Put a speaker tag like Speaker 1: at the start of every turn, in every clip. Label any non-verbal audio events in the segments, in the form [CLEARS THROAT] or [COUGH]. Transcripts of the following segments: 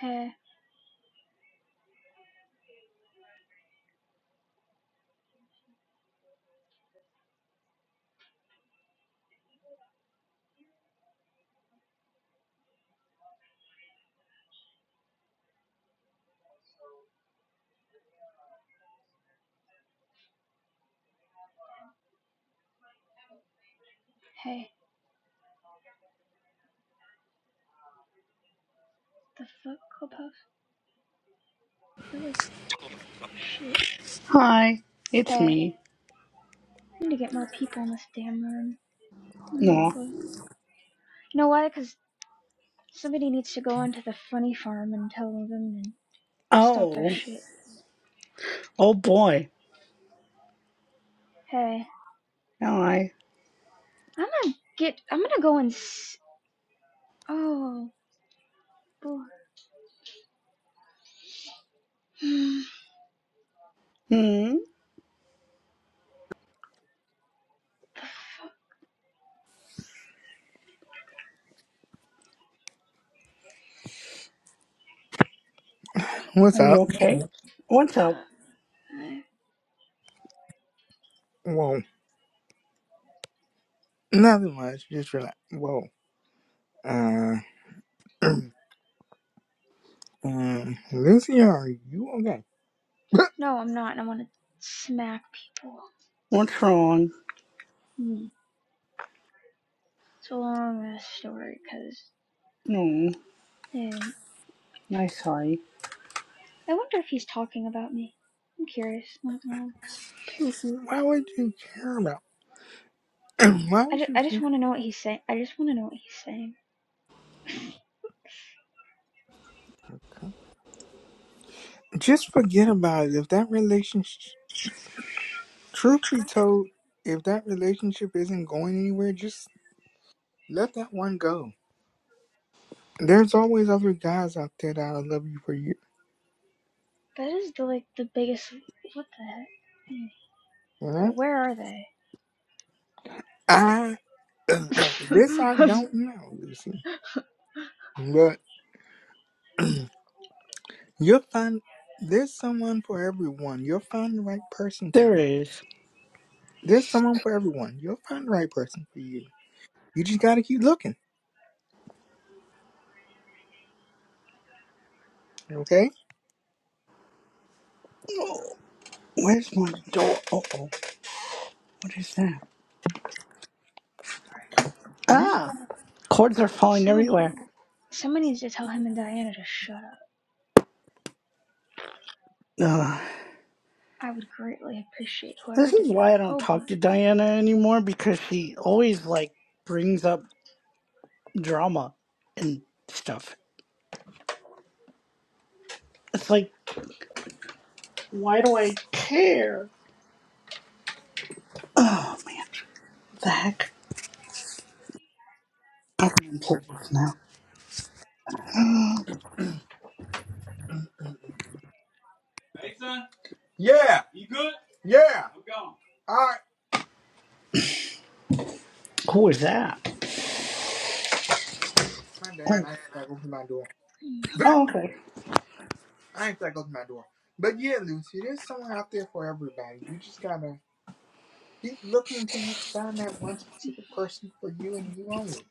Speaker 1: Hey, hey, the fuck, Clubhouse? Really? Shit.
Speaker 2: Hi, it's
Speaker 1: Hey, I
Speaker 2: me.
Speaker 1: need to get more people in this damn room. Mm,
Speaker 2: No.
Speaker 1: but you know why? Because somebody needs to go into the funny farm and tell them and stop their
Speaker 2: Oh,
Speaker 1: shit.
Speaker 2: oh boy.
Speaker 1: Hey,
Speaker 2: Hi.
Speaker 1: I'm gonna get. I'm gonna go and. S- oh, boy. Hmm,
Speaker 2: Hmm.
Speaker 1: the fuck.
Speaker 3: What's
Speaker 2: Are
Speaker 3: up?
Speaker 2: you okay? What's up?
Speaker 1: Uh, I-
Speaker 3: Whoa, nothing much. Just relax. Whoa. Uh, [CLEARS THROAT] um, Lucy, are you okay? [LAUGHS] But,
Speaker 1: No, I'm not. I want to smack people.
Speaker 2: What's wrong?
Speaker 1: Hmm. It's a long ass story, because.
Speaker 2: No,
Speaker 1: I
Speaker 2: I sorry.
Speaker 1: wonder if he's talking about me. I'm curious, not gonna lie.
Speaker 3: Lucy, why would you care about? [CLEARS THROAT] why
Speaker 1: I
Speaker 3: would
Speaker 1: just,
Speaker 3: you
Speaker 1: I just want
Speaker 3: care?
Speaker 1: to know what he's saying. I just want to know what he's saying. [LAUGHS]
Speaker 3: Just forget about it. If that relationship, truth be told, if that relationship isn't going anywhere, just let that one go. There's always other guys out there that'll love you for you.
Speaker 1: That is the, like the biggest. What the heck? Hmm.
Speaker 3: You know.
Speaker 1: Where are they?
Speaker 3: I [CLEARS THROAT] this I
Speaker 1: [LAUGHS]
Speaker 3: don't know, Lucy, but. [CLEARS THROAT] You'll find there's someone for everyone. You'll find the right person for
Speaker 2: There
Speaker 3: you.
Speaker 2: is.
Speaker 3: There's someone for everyone. You'll find the right person for you. You just gotta keep looking, okay?
Speaker 2: Oh, where's my door? Oh, oh, what is that?
Speaker 3: You just
Speaker 2: Ah, cords are falling
Speaker 1: Somebody,
Speaker 2: everywhere.
Speaker 1: somebody needs to tell him and Diana to shut up.
Speaker 2: Ugh.
Speaker 1: I would greatly appreciate whoever
Speaker 2: This
Speaker 1: did
Speaker 2: is
Speaker 1: that.
Speaker 2: why I don't
Speaker 1: Oh, but
Speaker 2: talk to Diana anymore because she always like brings up drama and stuff. It's like, why do I care? Oh man, what the heck? I can play this now.
Speaker 3: Hey, son. yeah, You good? yeah. I'm gone. All right,
Speaker 2: [GASPS] Who is that?
Speaker 3: my dad.
Speaker 2: Wait.
Speaker 3: I ain't like open my door. [CLEARS THROAT]
Speaker 1: mm.
Speaker 3: But
Speaker 2: Oh, okay.
Speaker 3: I ain't like open my door. But yeah, Lucy, there's someone out there for everybody. You just gotta keep looking until you find that one specific person for you and you only.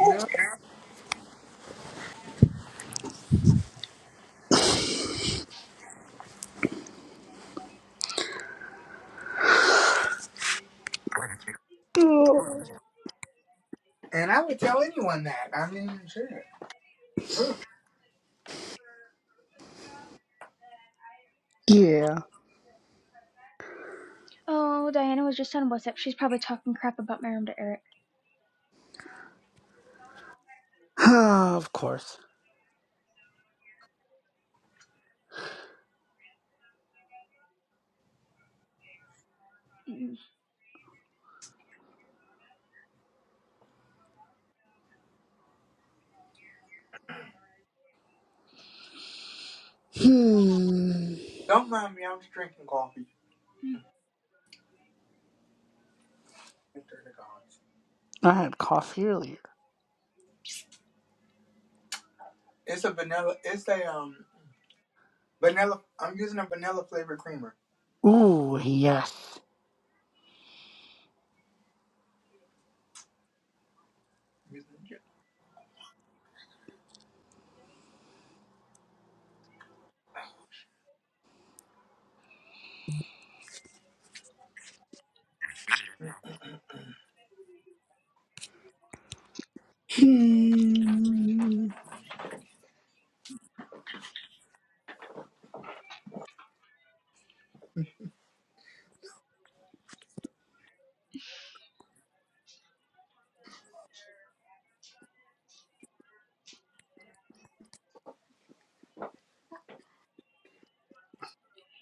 Speaker 3: You know.
Speaker 2: Oh,
Speaker 3: And I would tell anyone that. I mean, shit. [SIGHS]
Speaker 2: Yeah. [SIGHS]
Speaker 1: oh, Diana was just on WhatsApp. She's probably talking crap about my room to Eric.
Speaker 2: Ah, of course.
Speaker 1: Mm,
Speaker 2: Hmm.
Speaker 3: Don't mind me. I'm just drinking coffee.
Speaker 1: mm,
Speaker 3: Enter the gods.
Speaker 2: I had coffee earlier.
Speaker 3: It's a vanilla. It's a um vanilla. I'm using a vanilla flavored creamer.
Speaker 2: Ooh, yes.
Speaker 3: I'm using a
Speaker 2: Hmm.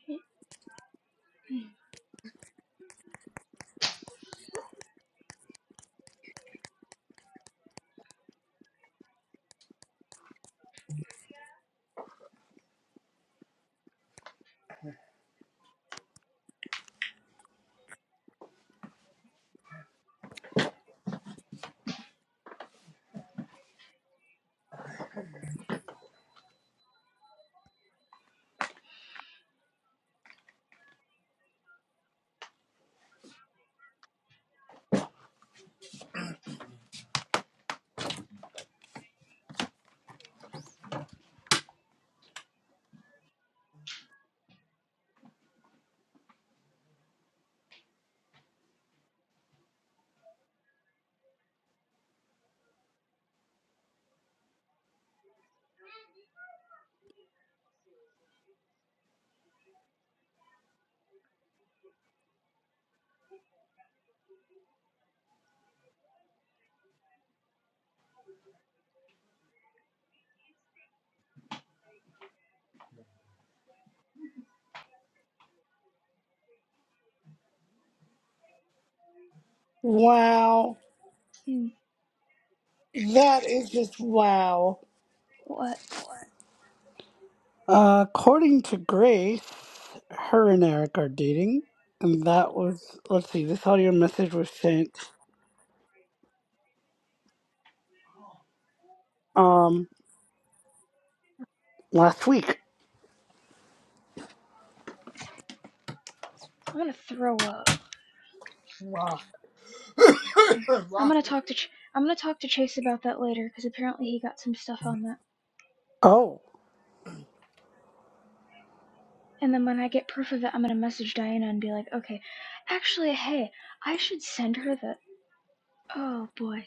Speaker 1: mm, mm,
Speaker 2: Wow.
Speaker 1: mm.
Speaker 2: That is just wow.
Speaker 1: What?
Speaker 2: Uh, according to Grace, her and Eric are dating. And that was, let's see, this audio message was sent um last week.
Speaker 1: I'm gonna throw up.
Speaker 3: Wow. [LAUGHS]
Speaker 1: I'm
Speaker 3: Wow.
Speaker 1: gonna talk to. Ch- I'm gonna talk to Chase about that later because apparently he got some stuff on that.
Speaker 2: Oh.
Speaker 1: And then when I get proof of it, I'm gonna message Diana and be like, okay, actually, hey, I should send her the. Oh boy,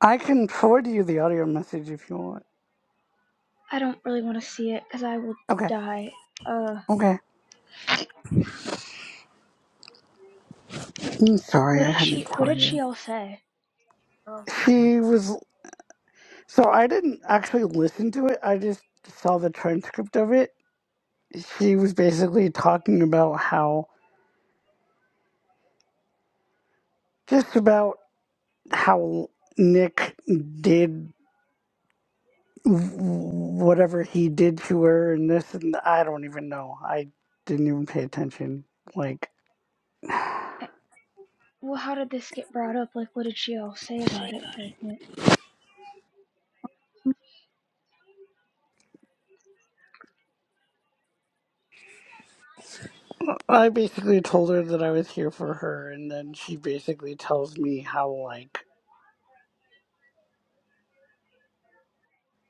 Speaker 2: I can forward you the audio message if you want.
Speaker 1: I don't really want to see it because I will
Speaker 2: Okay.
Speaker 1: die. Uh,
Speaker 2: Okay. I'm sorry,
Speaker 1: what did
Speaker 2: I had to
Speaker 1: she? What
Speaker 2: tell
Speaker 1: did she
Speaker 2: you.
Speaker 1: all say?
Speaker 3: Okay.
Speaker 2: She was so I didn't actually listen to it. I just saw the transcript of it. She was basically talking about how just about how Nick did w- whatever he did to her and this and I don't even know. I didn't even pay attention. Like
Speaker 1: Eh, Well, how did this get brought up? Like, what did she all say about it? Like, eh,
Speaker 2: I basically told her that I was here for her and then she basically tells me how like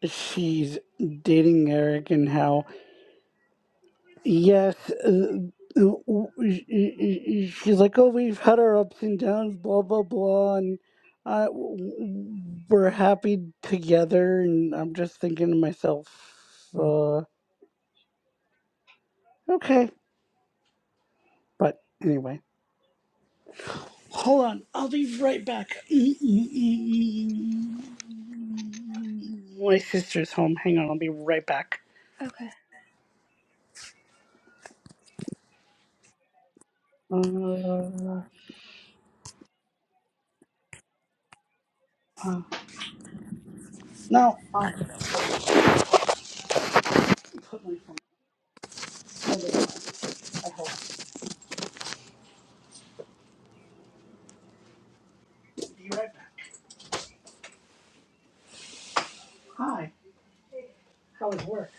Speaker 2: she's dating Eric and how, yes, uh, she's like, oh, we've had our ups and downs, blah, blah, blah, and uh, we're happy together. And I'm just thinking to myself, uh, okay. But anyway, hold on. I'll be right back. My sister's home. Hang on. I'll be right back.
Speaker 1: okay,
Speaker 2: Uh, uh, no, I'll put my phone. I hope. Be right back. Hi, How was work?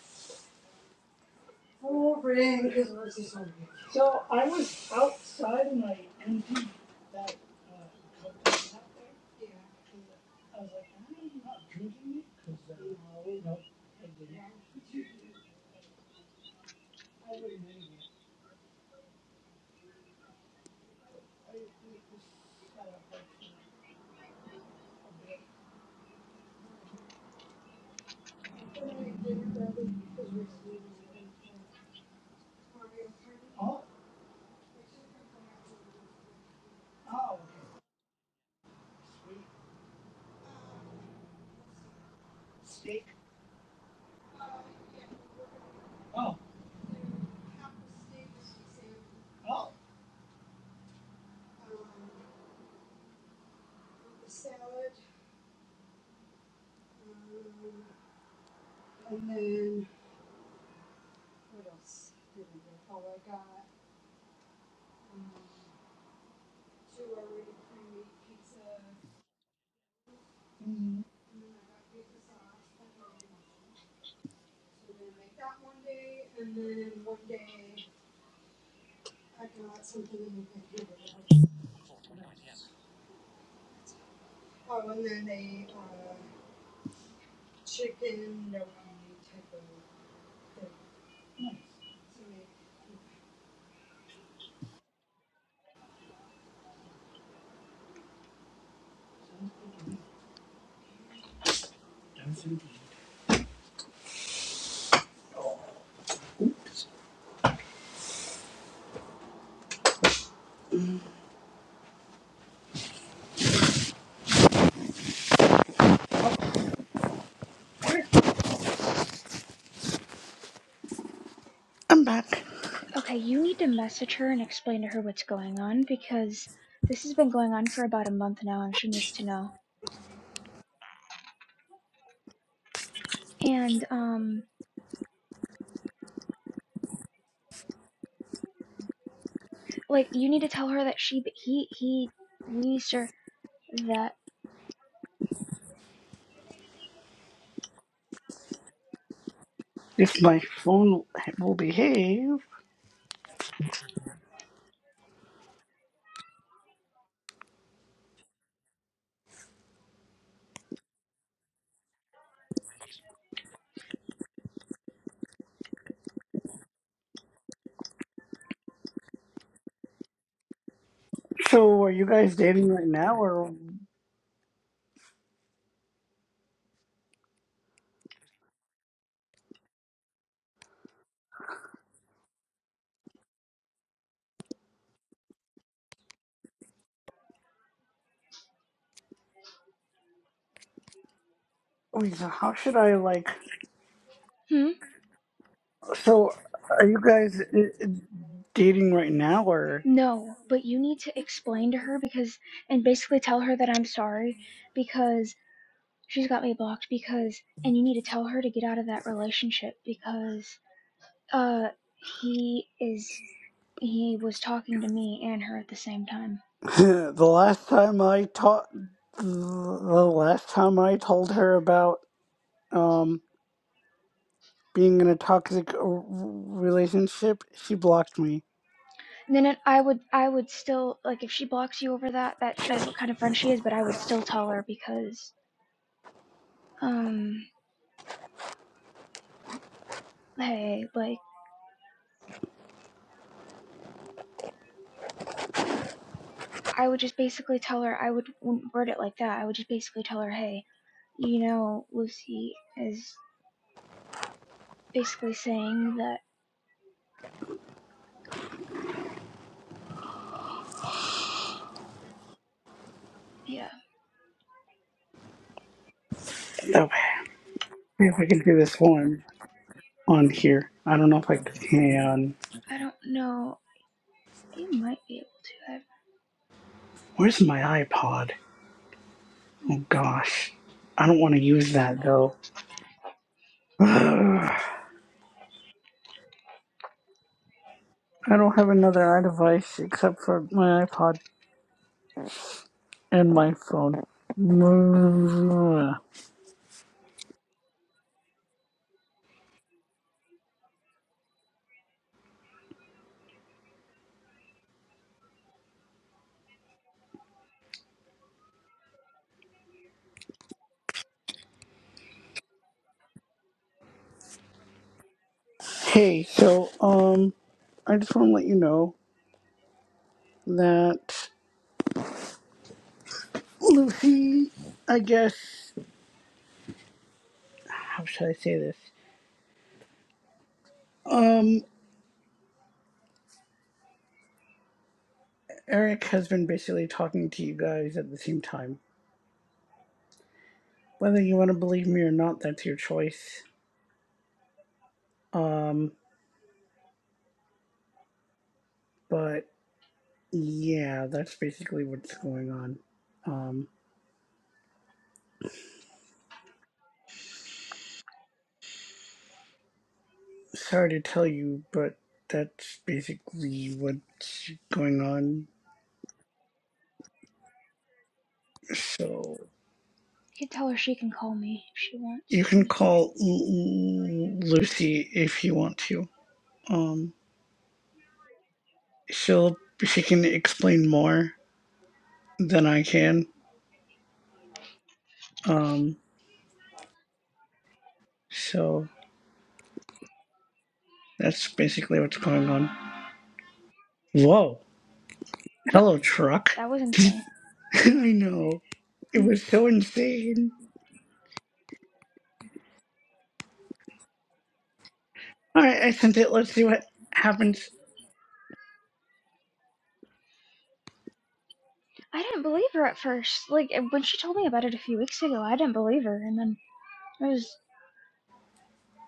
Speaker 2: Boring because it was this on So I was outside and I emptied that uh, cup out there. Yeah. I was like, I'm not drinking it because uh, no, no, I didn't. I wouldn't anyway. Oh, oh, okay, steak. Oh, oh. I'm back.
Speaker 1: okay, you need to message her and explain to her what's going on because this has been going on for about a month now, and she needs to know. And um, like, you need to tell her that she, he, he, we, sir, that.
Speaker 2: If my phone will behave. So, are you guys dating right now, or? Lisa, how should I like?
Speaker 1: Hmm.
Speaker 2: So, are you guys uh, dating right now, or
Speaker 1: No, but you need to explain to her because, and basically tell her that I'm sorry because she's got me blocked because, and you need to tell her to get out of that relationship because, uh, he is, he was talking to me and her at the same time.
Speaker 2: [LAUGHS] the last time I taught, the last time I told her about um being in a toxic r- relationship, she blocked me.
Speaker 1: And then it, I would, I would still, like, if she blocks you over that, that shows what kind of friend she is, but I would still tell her because, um, hey, like, I would just basically tell her, I would wouldn't word it like that. I would just basically tell her, hey, You know, Lucy is basically saying that, yeah,
Speaker 2: So, if I can do this one on here, I don't know if I can. hey, um,
Speaker 1: I don't know. You might be able to. I
Speaker 2: Where's my iPod? Oh gosh, I don't want to use that though. [SIGHS] I don't have another iDevice except for my iPod. and my phone. Hey, so um, I just want to let you know that Lucy, I guess, how should I say this? Um, Eric has been basically talking to you guys at the same time. Whether you want to believe me or not, that's your choice. Um, but yeah, that's basically what's going on. Um, sorry to tell you, but that's basically what's going on. So.
Speaker 1: could tell her she can call me if she wants
Speaker 2: you can
Speaker 1: to.
Speaker 2: call L- Lucy if you want to. Um, she'll she can explain more than I can. Um, so that's basically what's going on. Whoa!
Speaker 1: But
Speaker 2: Hello, truck.
Speaker 1: that was insane.
Speaker 2: [LAUGHS] I know it
Speaker 1: Mm,
Speaker 2: was so insane. All right, I sent it. Let's see what happens.
Speaker 1: I didn't believe her at first. Like, eh, when she told me about it a few weeks ago, I didn't believe her. And then I was,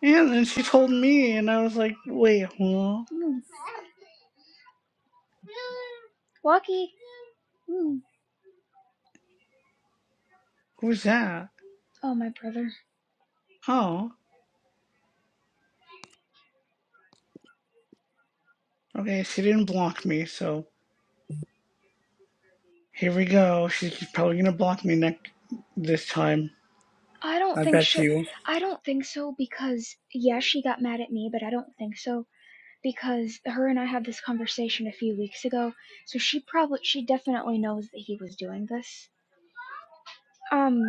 Speaker 2: And then she told me, and I was like, "Wait, huh?
Speaker 1: mm, lucky. Mm.
Speaker 2: Who's that?
Speaker 1: Oh, my brother.
Speaker 2: Oh, okay. She didn't block me, so here we go. She's probably gonna block me next this time."
Speaker 1: I don't
Speaker 2: I
Speaker 1: think
Speaker 2: bet
Speaker 1: she.
Speaker 2: you.
Speaker 1: I don't think so because, yeah, she got mad at me, but I don't think so because her and I had this conversation a few weeks ago. So she probably she definitely knows that he was doing this. Um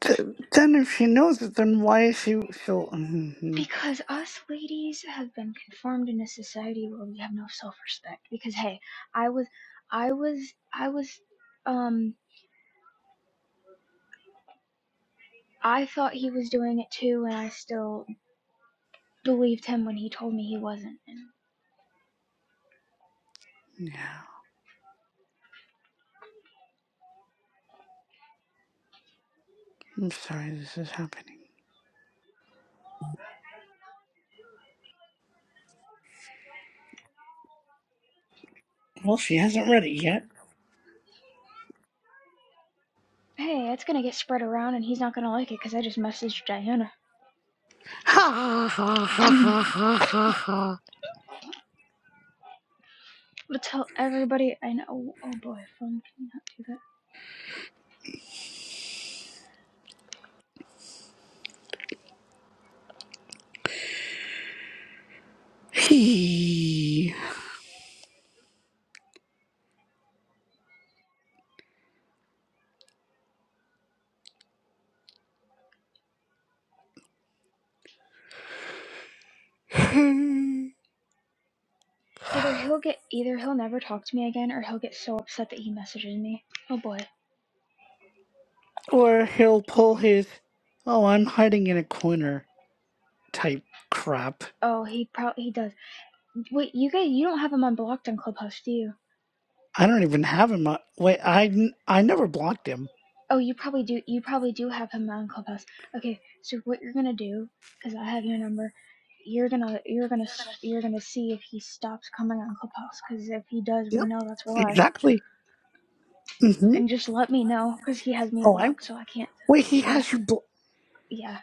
Speaker 2: Th- then if she knows it, then why is she so? Mhm.
Speaker 1: because us ladies have been conformed in a society where we have no self-respect because hey, I was I was I was um I thought he was doing it too and I still believed him when he told me he wasn't. And
Speaker 2: yeah, I'm sorry, this is happening. Well, she hasn't read it yet.
Speaker 1: hey, that's going to get spread around and he's not going to like it cuz I just messaged Diana.
Speaker 2: Ha ha ha ha ha
Speaker 1: [LAUGHS]
Speaker 2: ha ha
Speaker 1: but tell everybody I know. Oh boy, phone cannot do that.
Speaker 2: He. [LAUGHS]
Speaker 1: Either he'll get either he'll never talk to me again or he'll get so upset that he messages me. Oh boy.
Speaker 2: or he'll pull his, oh, I'm hiding in a corner type crap.
Speaker 1: Oh, he probably he does. Wait, you guys you don't have him unblocked on Clubhouse, do you?
Speaker 2: I don't even have him. on- Wait, I n- I never blocked him.
Speaker 1: Oh, you probably do. You probably do have him on Clubhouse. Okay, so what you're going to do cuz I have your number, you're going to you're going to you're going to see if he stops coming on Clubhouse cuz if he does, we
Speaker 2: Yep.
Speaker 1: know that's why.
Speaker 2: Exactly. Mm-hmm.
Speaker 1: And just let me know cuz he has me
Speaker 2: Oh, I
Speaker 1: blocked, so I can't.
Speaker 2: wait. He
Speaker 1: Yeah.
Speaker 2: has you blocked.
Speaker 1: Yeah.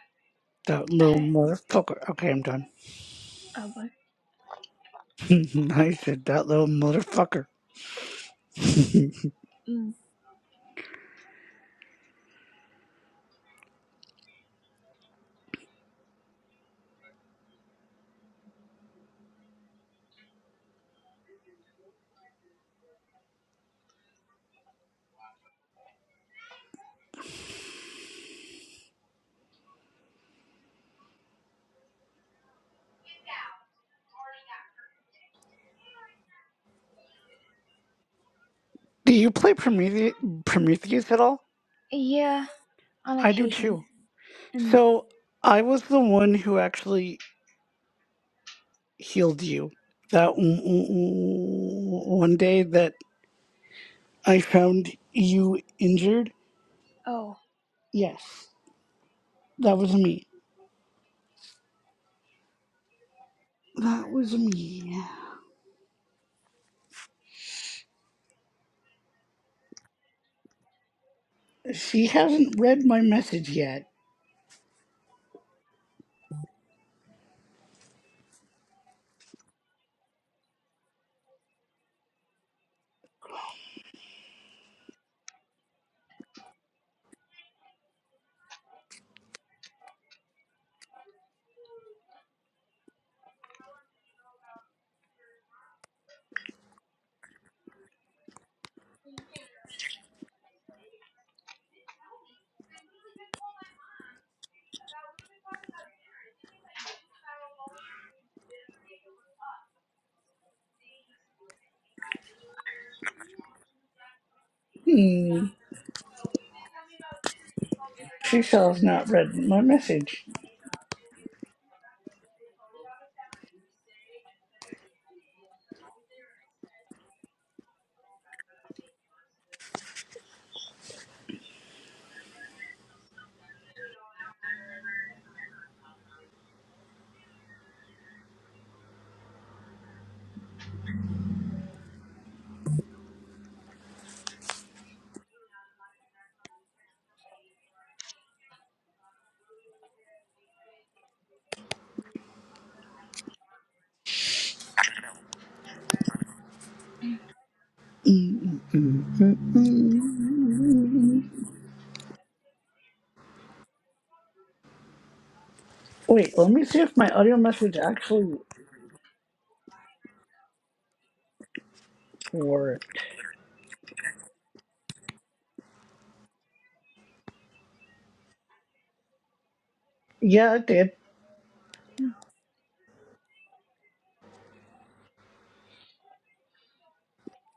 Speaker 2: That
Speaker 1: [LAUGHS]
Speaker 2: little motherfucker. Okay, I'm done.
Speaker 1: oh boy.
Speaker 2: [LAUGHS] I said that little motherfucker. [LAUGHS] do
Speaker 1: Mm.
Speaker 2: you play Promethe- Prometheus at all?
Speaker 1: Yeah, on
Speaker 2: I do
Speaker 1: occasion.
Speaker 2: too.
Speaker 1: And mm.
Speaker 2: So I was the one who actually healed you that w- w- w- one day that I found you injured.
Speaker 1: oh,
Speaker 2: Yes, that was me. That was me. She hasn't read my message yet. Mm, she still has not read my message. Mm-mm-mm-mm-mm. Wait, let me see if my audio message actually worked. Yeah, it did.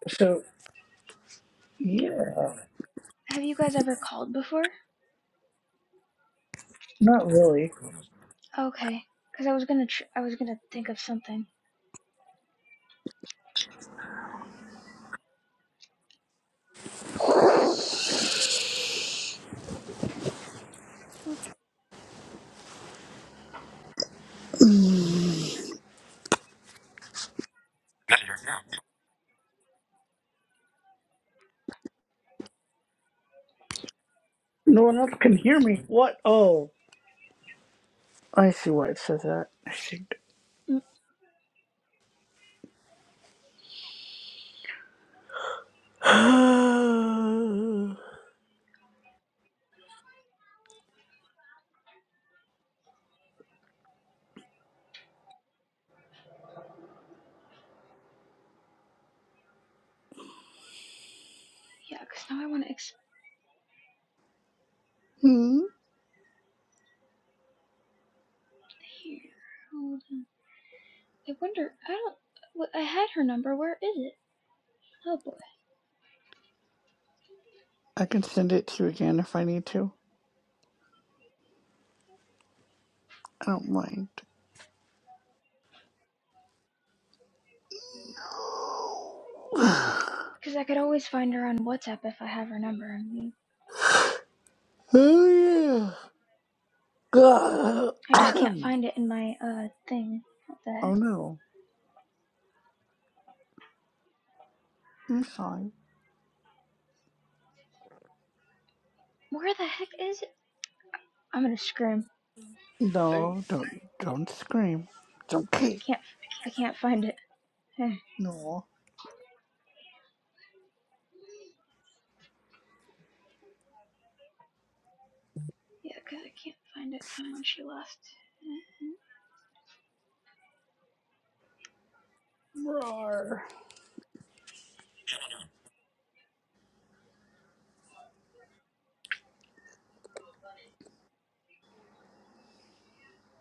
Speaker 2: So, yeah,
Speaker 1: Have you guys ever called before?
Speaker 2: not really.
Speaker 1: Okay, because I was gonna tr- I was gonna think of something. Oh,
Speaker 2: Mm, No one else can hear me. What? Oh, I see why it says that. I think.
Speaker 1: mm,
Speaker 2: [SIGHS] hmm.
Speaker 1: yeah, because now I want to exp- here. Hold on. I wonder. I don't. well, I had her number. Where is it? Oh boy.
Speaker 2: I can send it to you again if I need to. I don't mind. [SIGHS]
Speaker 1: Because I could always find her on WhatsApp if I have her number. I mean,
Speaker 2: oh yeah. [COUGHS] oh
Speaker 1: I just can't find it in my uh thing. What the heck?
Speaker 2: no. I'm sorry.
Speaker 1: Where the heck is it? I'm gonna scream.
Speaker 2: No, don't don't scream. It's okay.
Speaker 1: I can't. I can't find it.
Speaker 2: No.
Speaker 1: [LAUGHS] yeah, because I can't find it from when she left. Mhm.
Speaker 2: Roar.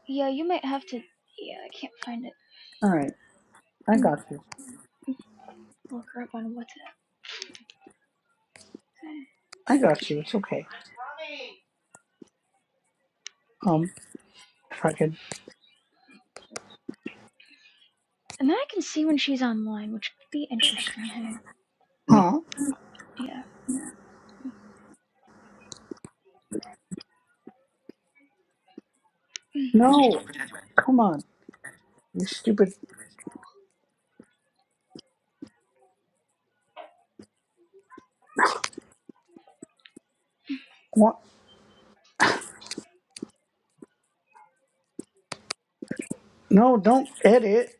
Speaker 1: Yeah, you might have to. Yeah, I can't find it.
Speaker 2: All right, I
Speaker 1: Mm.
Speaker 2: got you.
Speaker 1: Look her up on WhatsApp. Okay.
Speaker 2: I got you. It's okay. Um, if I could.
Speaker 1: And then I can see when she's online, which could be interesting. Hey. Mm,
Speaker 2: Huh?
Speaker 1: yeah.
Speaker 2: No. Come on, you stupid. What? No, don't edit.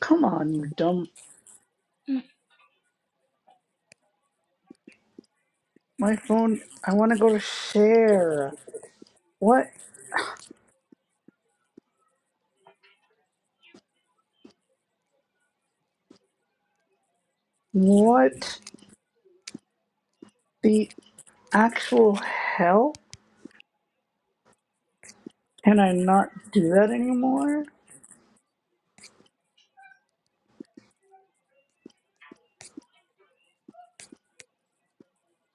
Speaker 2: Come on, you dumb.
Speaker 1: Mm.
Speaker 2: My phone. I want to go to share. What? What? The actual hell? Can I not do that anymore?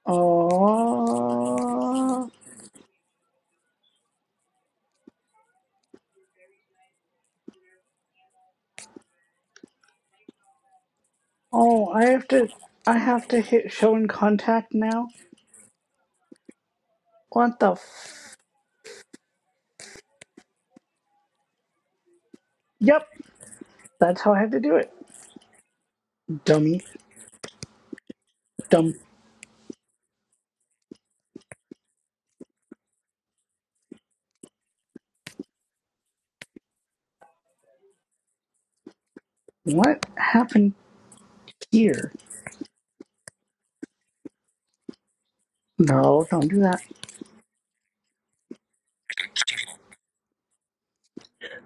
Speaker 2: Oh. Oh, I have to. I have to hit show in contact now. What the? F- yep. That's how I had to do it. Dummy. Dumb. What happened here? No, don't do that.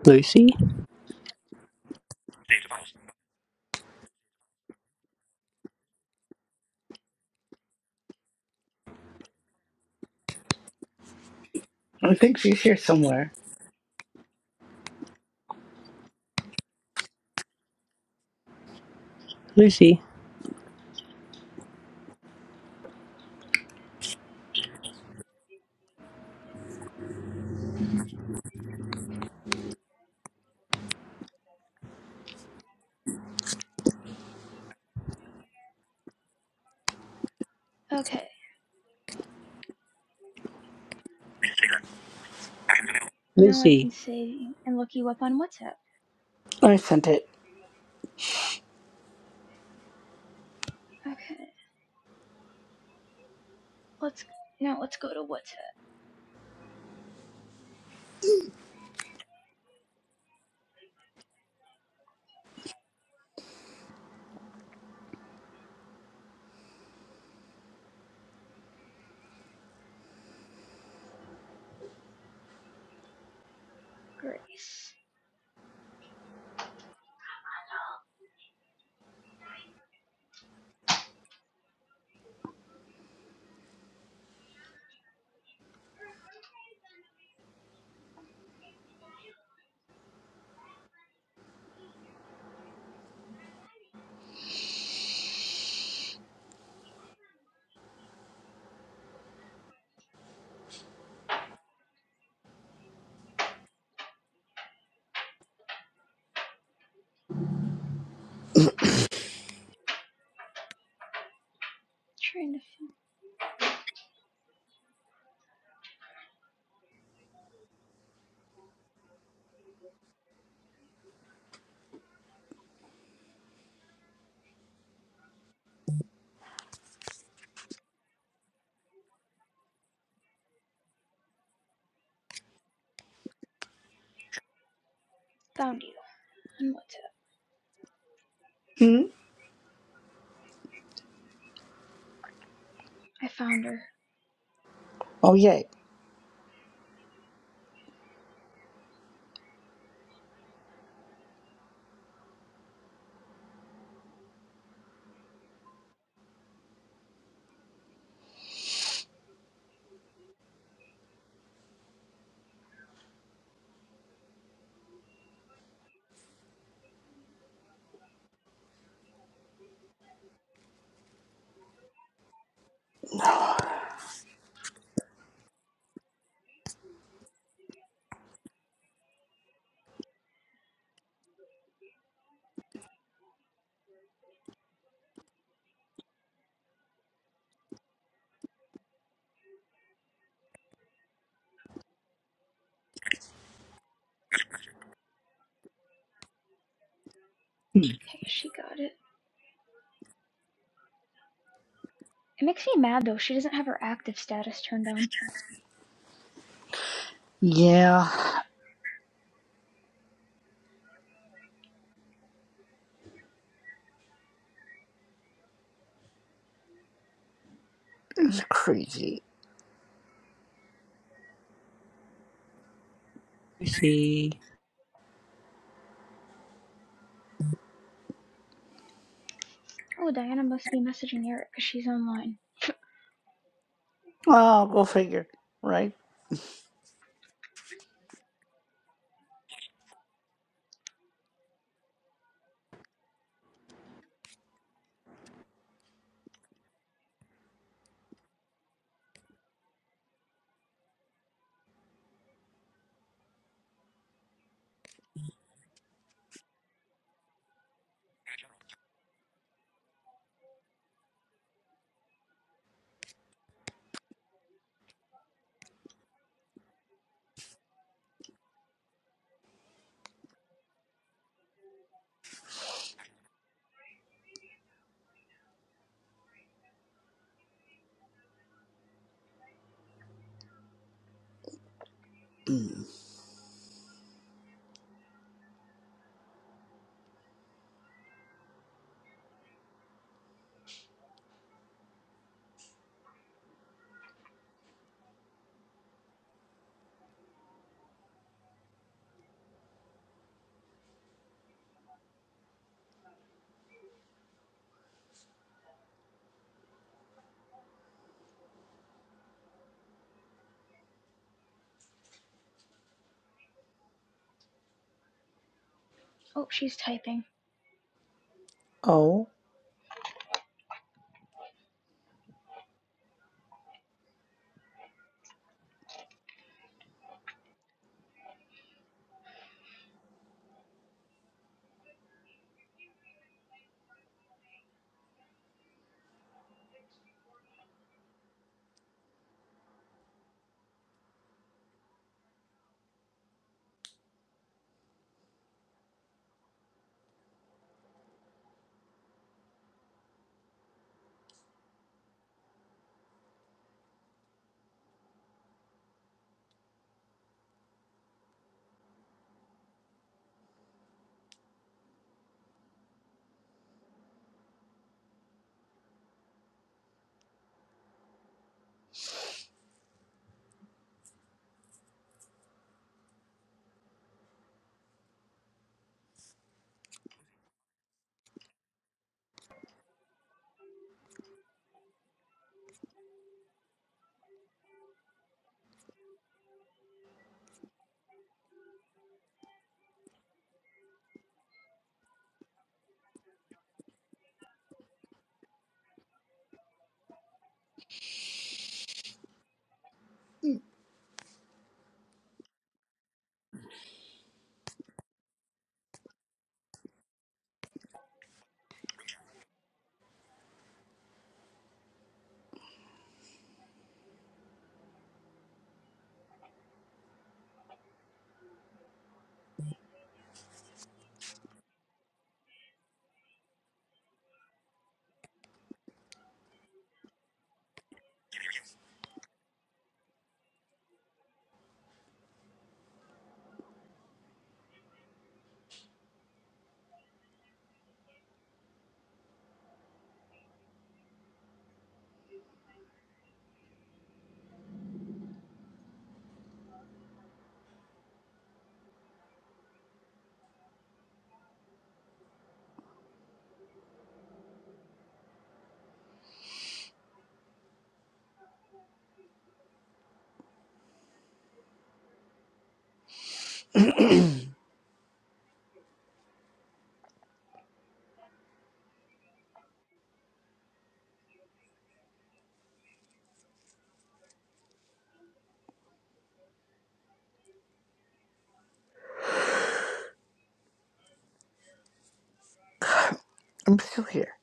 Speaker 4: Lucy,
Speaker 2: I think she's here somewhere.
Speaker 4: Lucy,
Speaker 1: Okay. Now I can
Speaker 4: Lucy,
Speaker 1: see and look you up on WhatsApp.
Speaker 2: I sent it.
Speaker 1: Okay. Let's now let's go to WhatsApp. Grace. Trying to find found you on WhatsApp.
Speaker 2: Hmm?
Speaker 1: I found her.
Speaker 2: Oh, yay. Hmm.
Speaker 1: Okay, she got it. It makes me mad though. She doesn't have her active status turned on.
Speaker 2: Yeah, it's crazy.
Speaker 4: Lucy.
Speaker 1: Oh, Diana must be messaging Eric because she's online.
Speaker 2: Oh, go figure, right? Hmm.
Speaker 1: Oh, she's typing.
Speaker 2: Oh, I'm still here.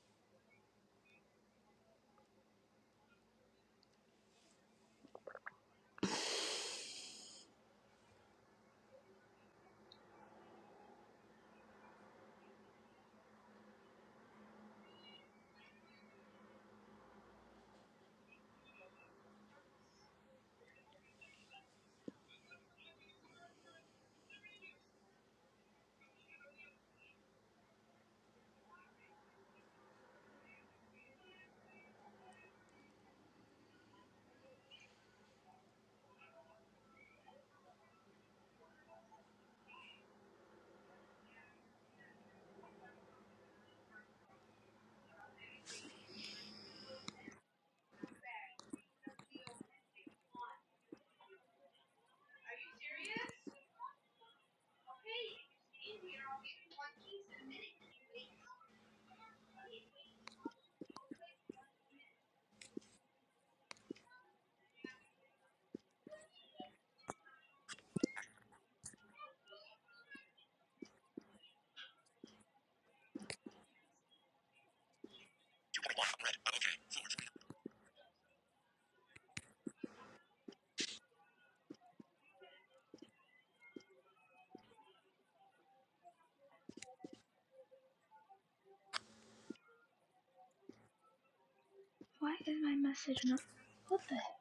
Speaker 1: Why is my message not? What the heck?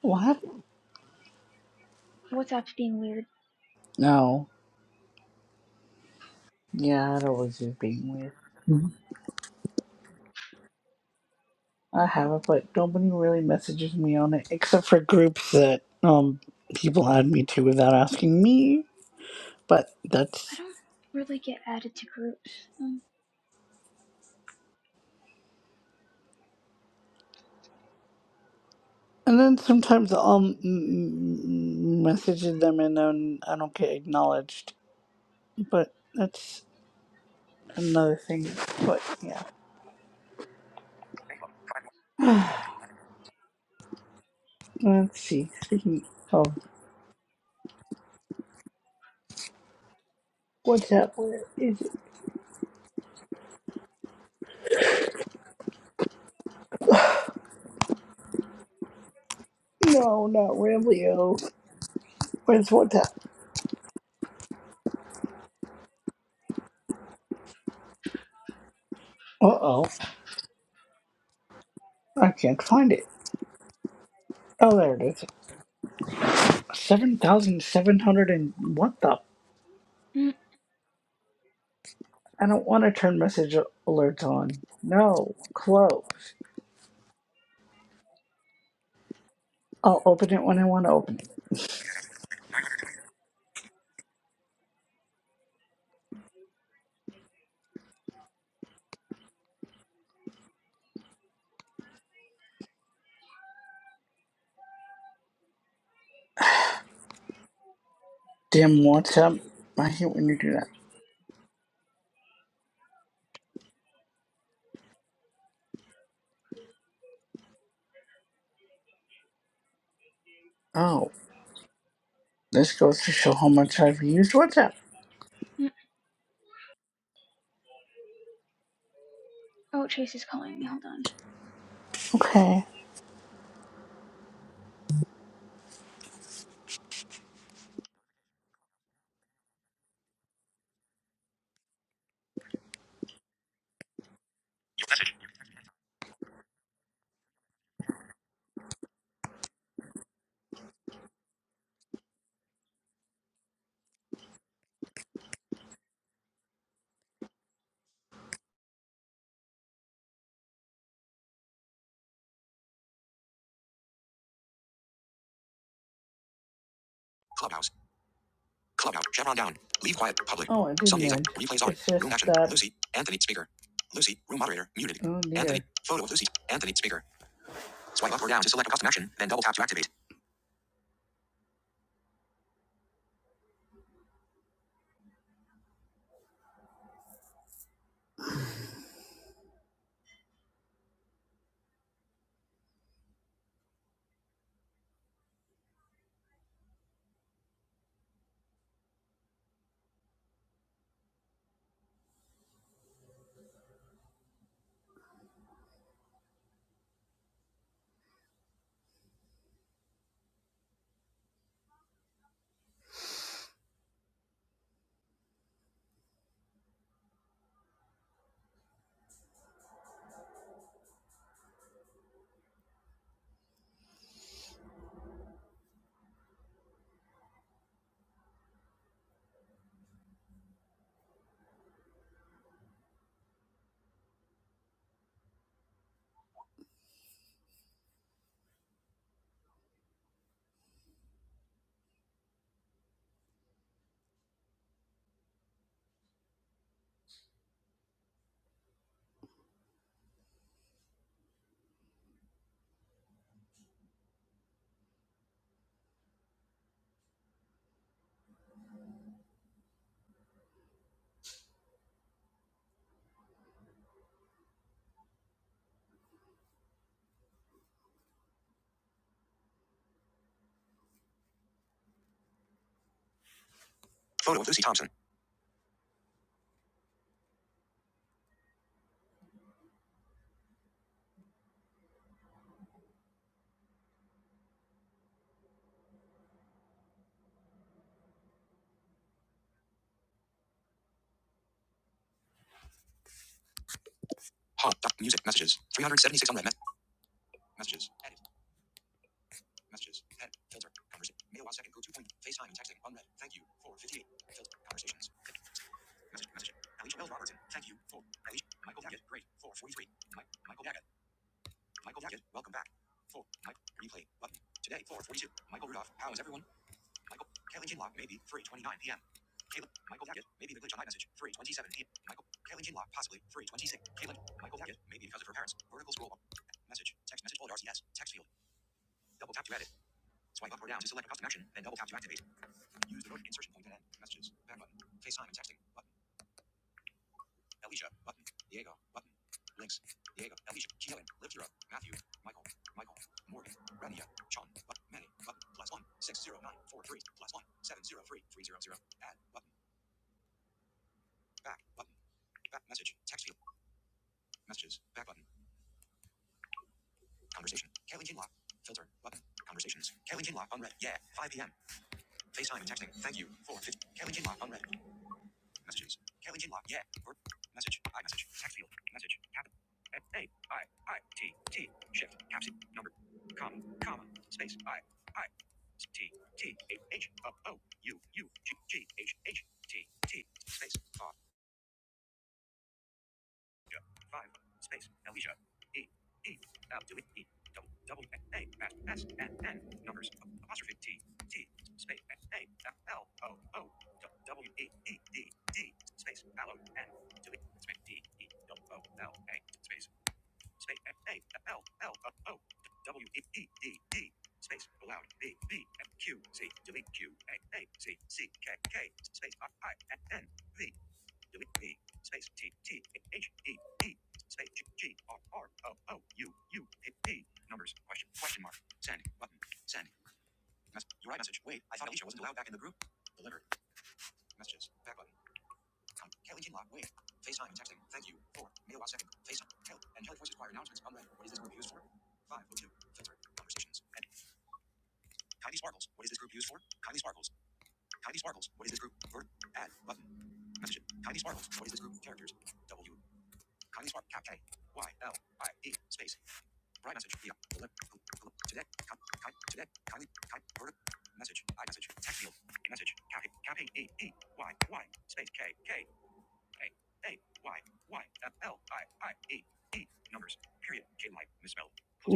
Speaker 2: What?
Speaker 1: WhatsApp's being weird.
Speaker 2: No. Yeah, that was just being weird. I have it, but nobody really messages me on it except for groups that um people add me to without asking me. But
Speaker 1: I
Speaker 2: that's
Speaker 1: don't really get added to groups. Um,
Speaker 2: and then sometimes I'll m- message them and then I don't get acknowledged. But that's another thing. But yeah, [SIGHS] let's see. Speaking of WhatsApp, where is it? No, not Rambleo. Where's WhatsApp? Uh oh, I can't find it. Oh, there it is. Seven thousand seven hundred and what the?
Speaker 1: mm,
Speaker 2: I don't want to turn message alerts on. No, close. I'll open it when I want to open it. Dim WhatsApp. I hate when you do that. Oh, this goes to show how much I've used WhatsApp.
Speaker 1: mm. Oh, Chase is calling me. Hold on.
Speaker 2: Okay. Oh, I did nudge. It's just room that. Oh dear. Anthony.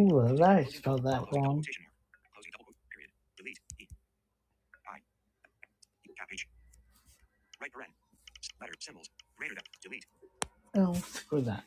Speaker 2: Ooh, that I spelled that wrong. Screw that.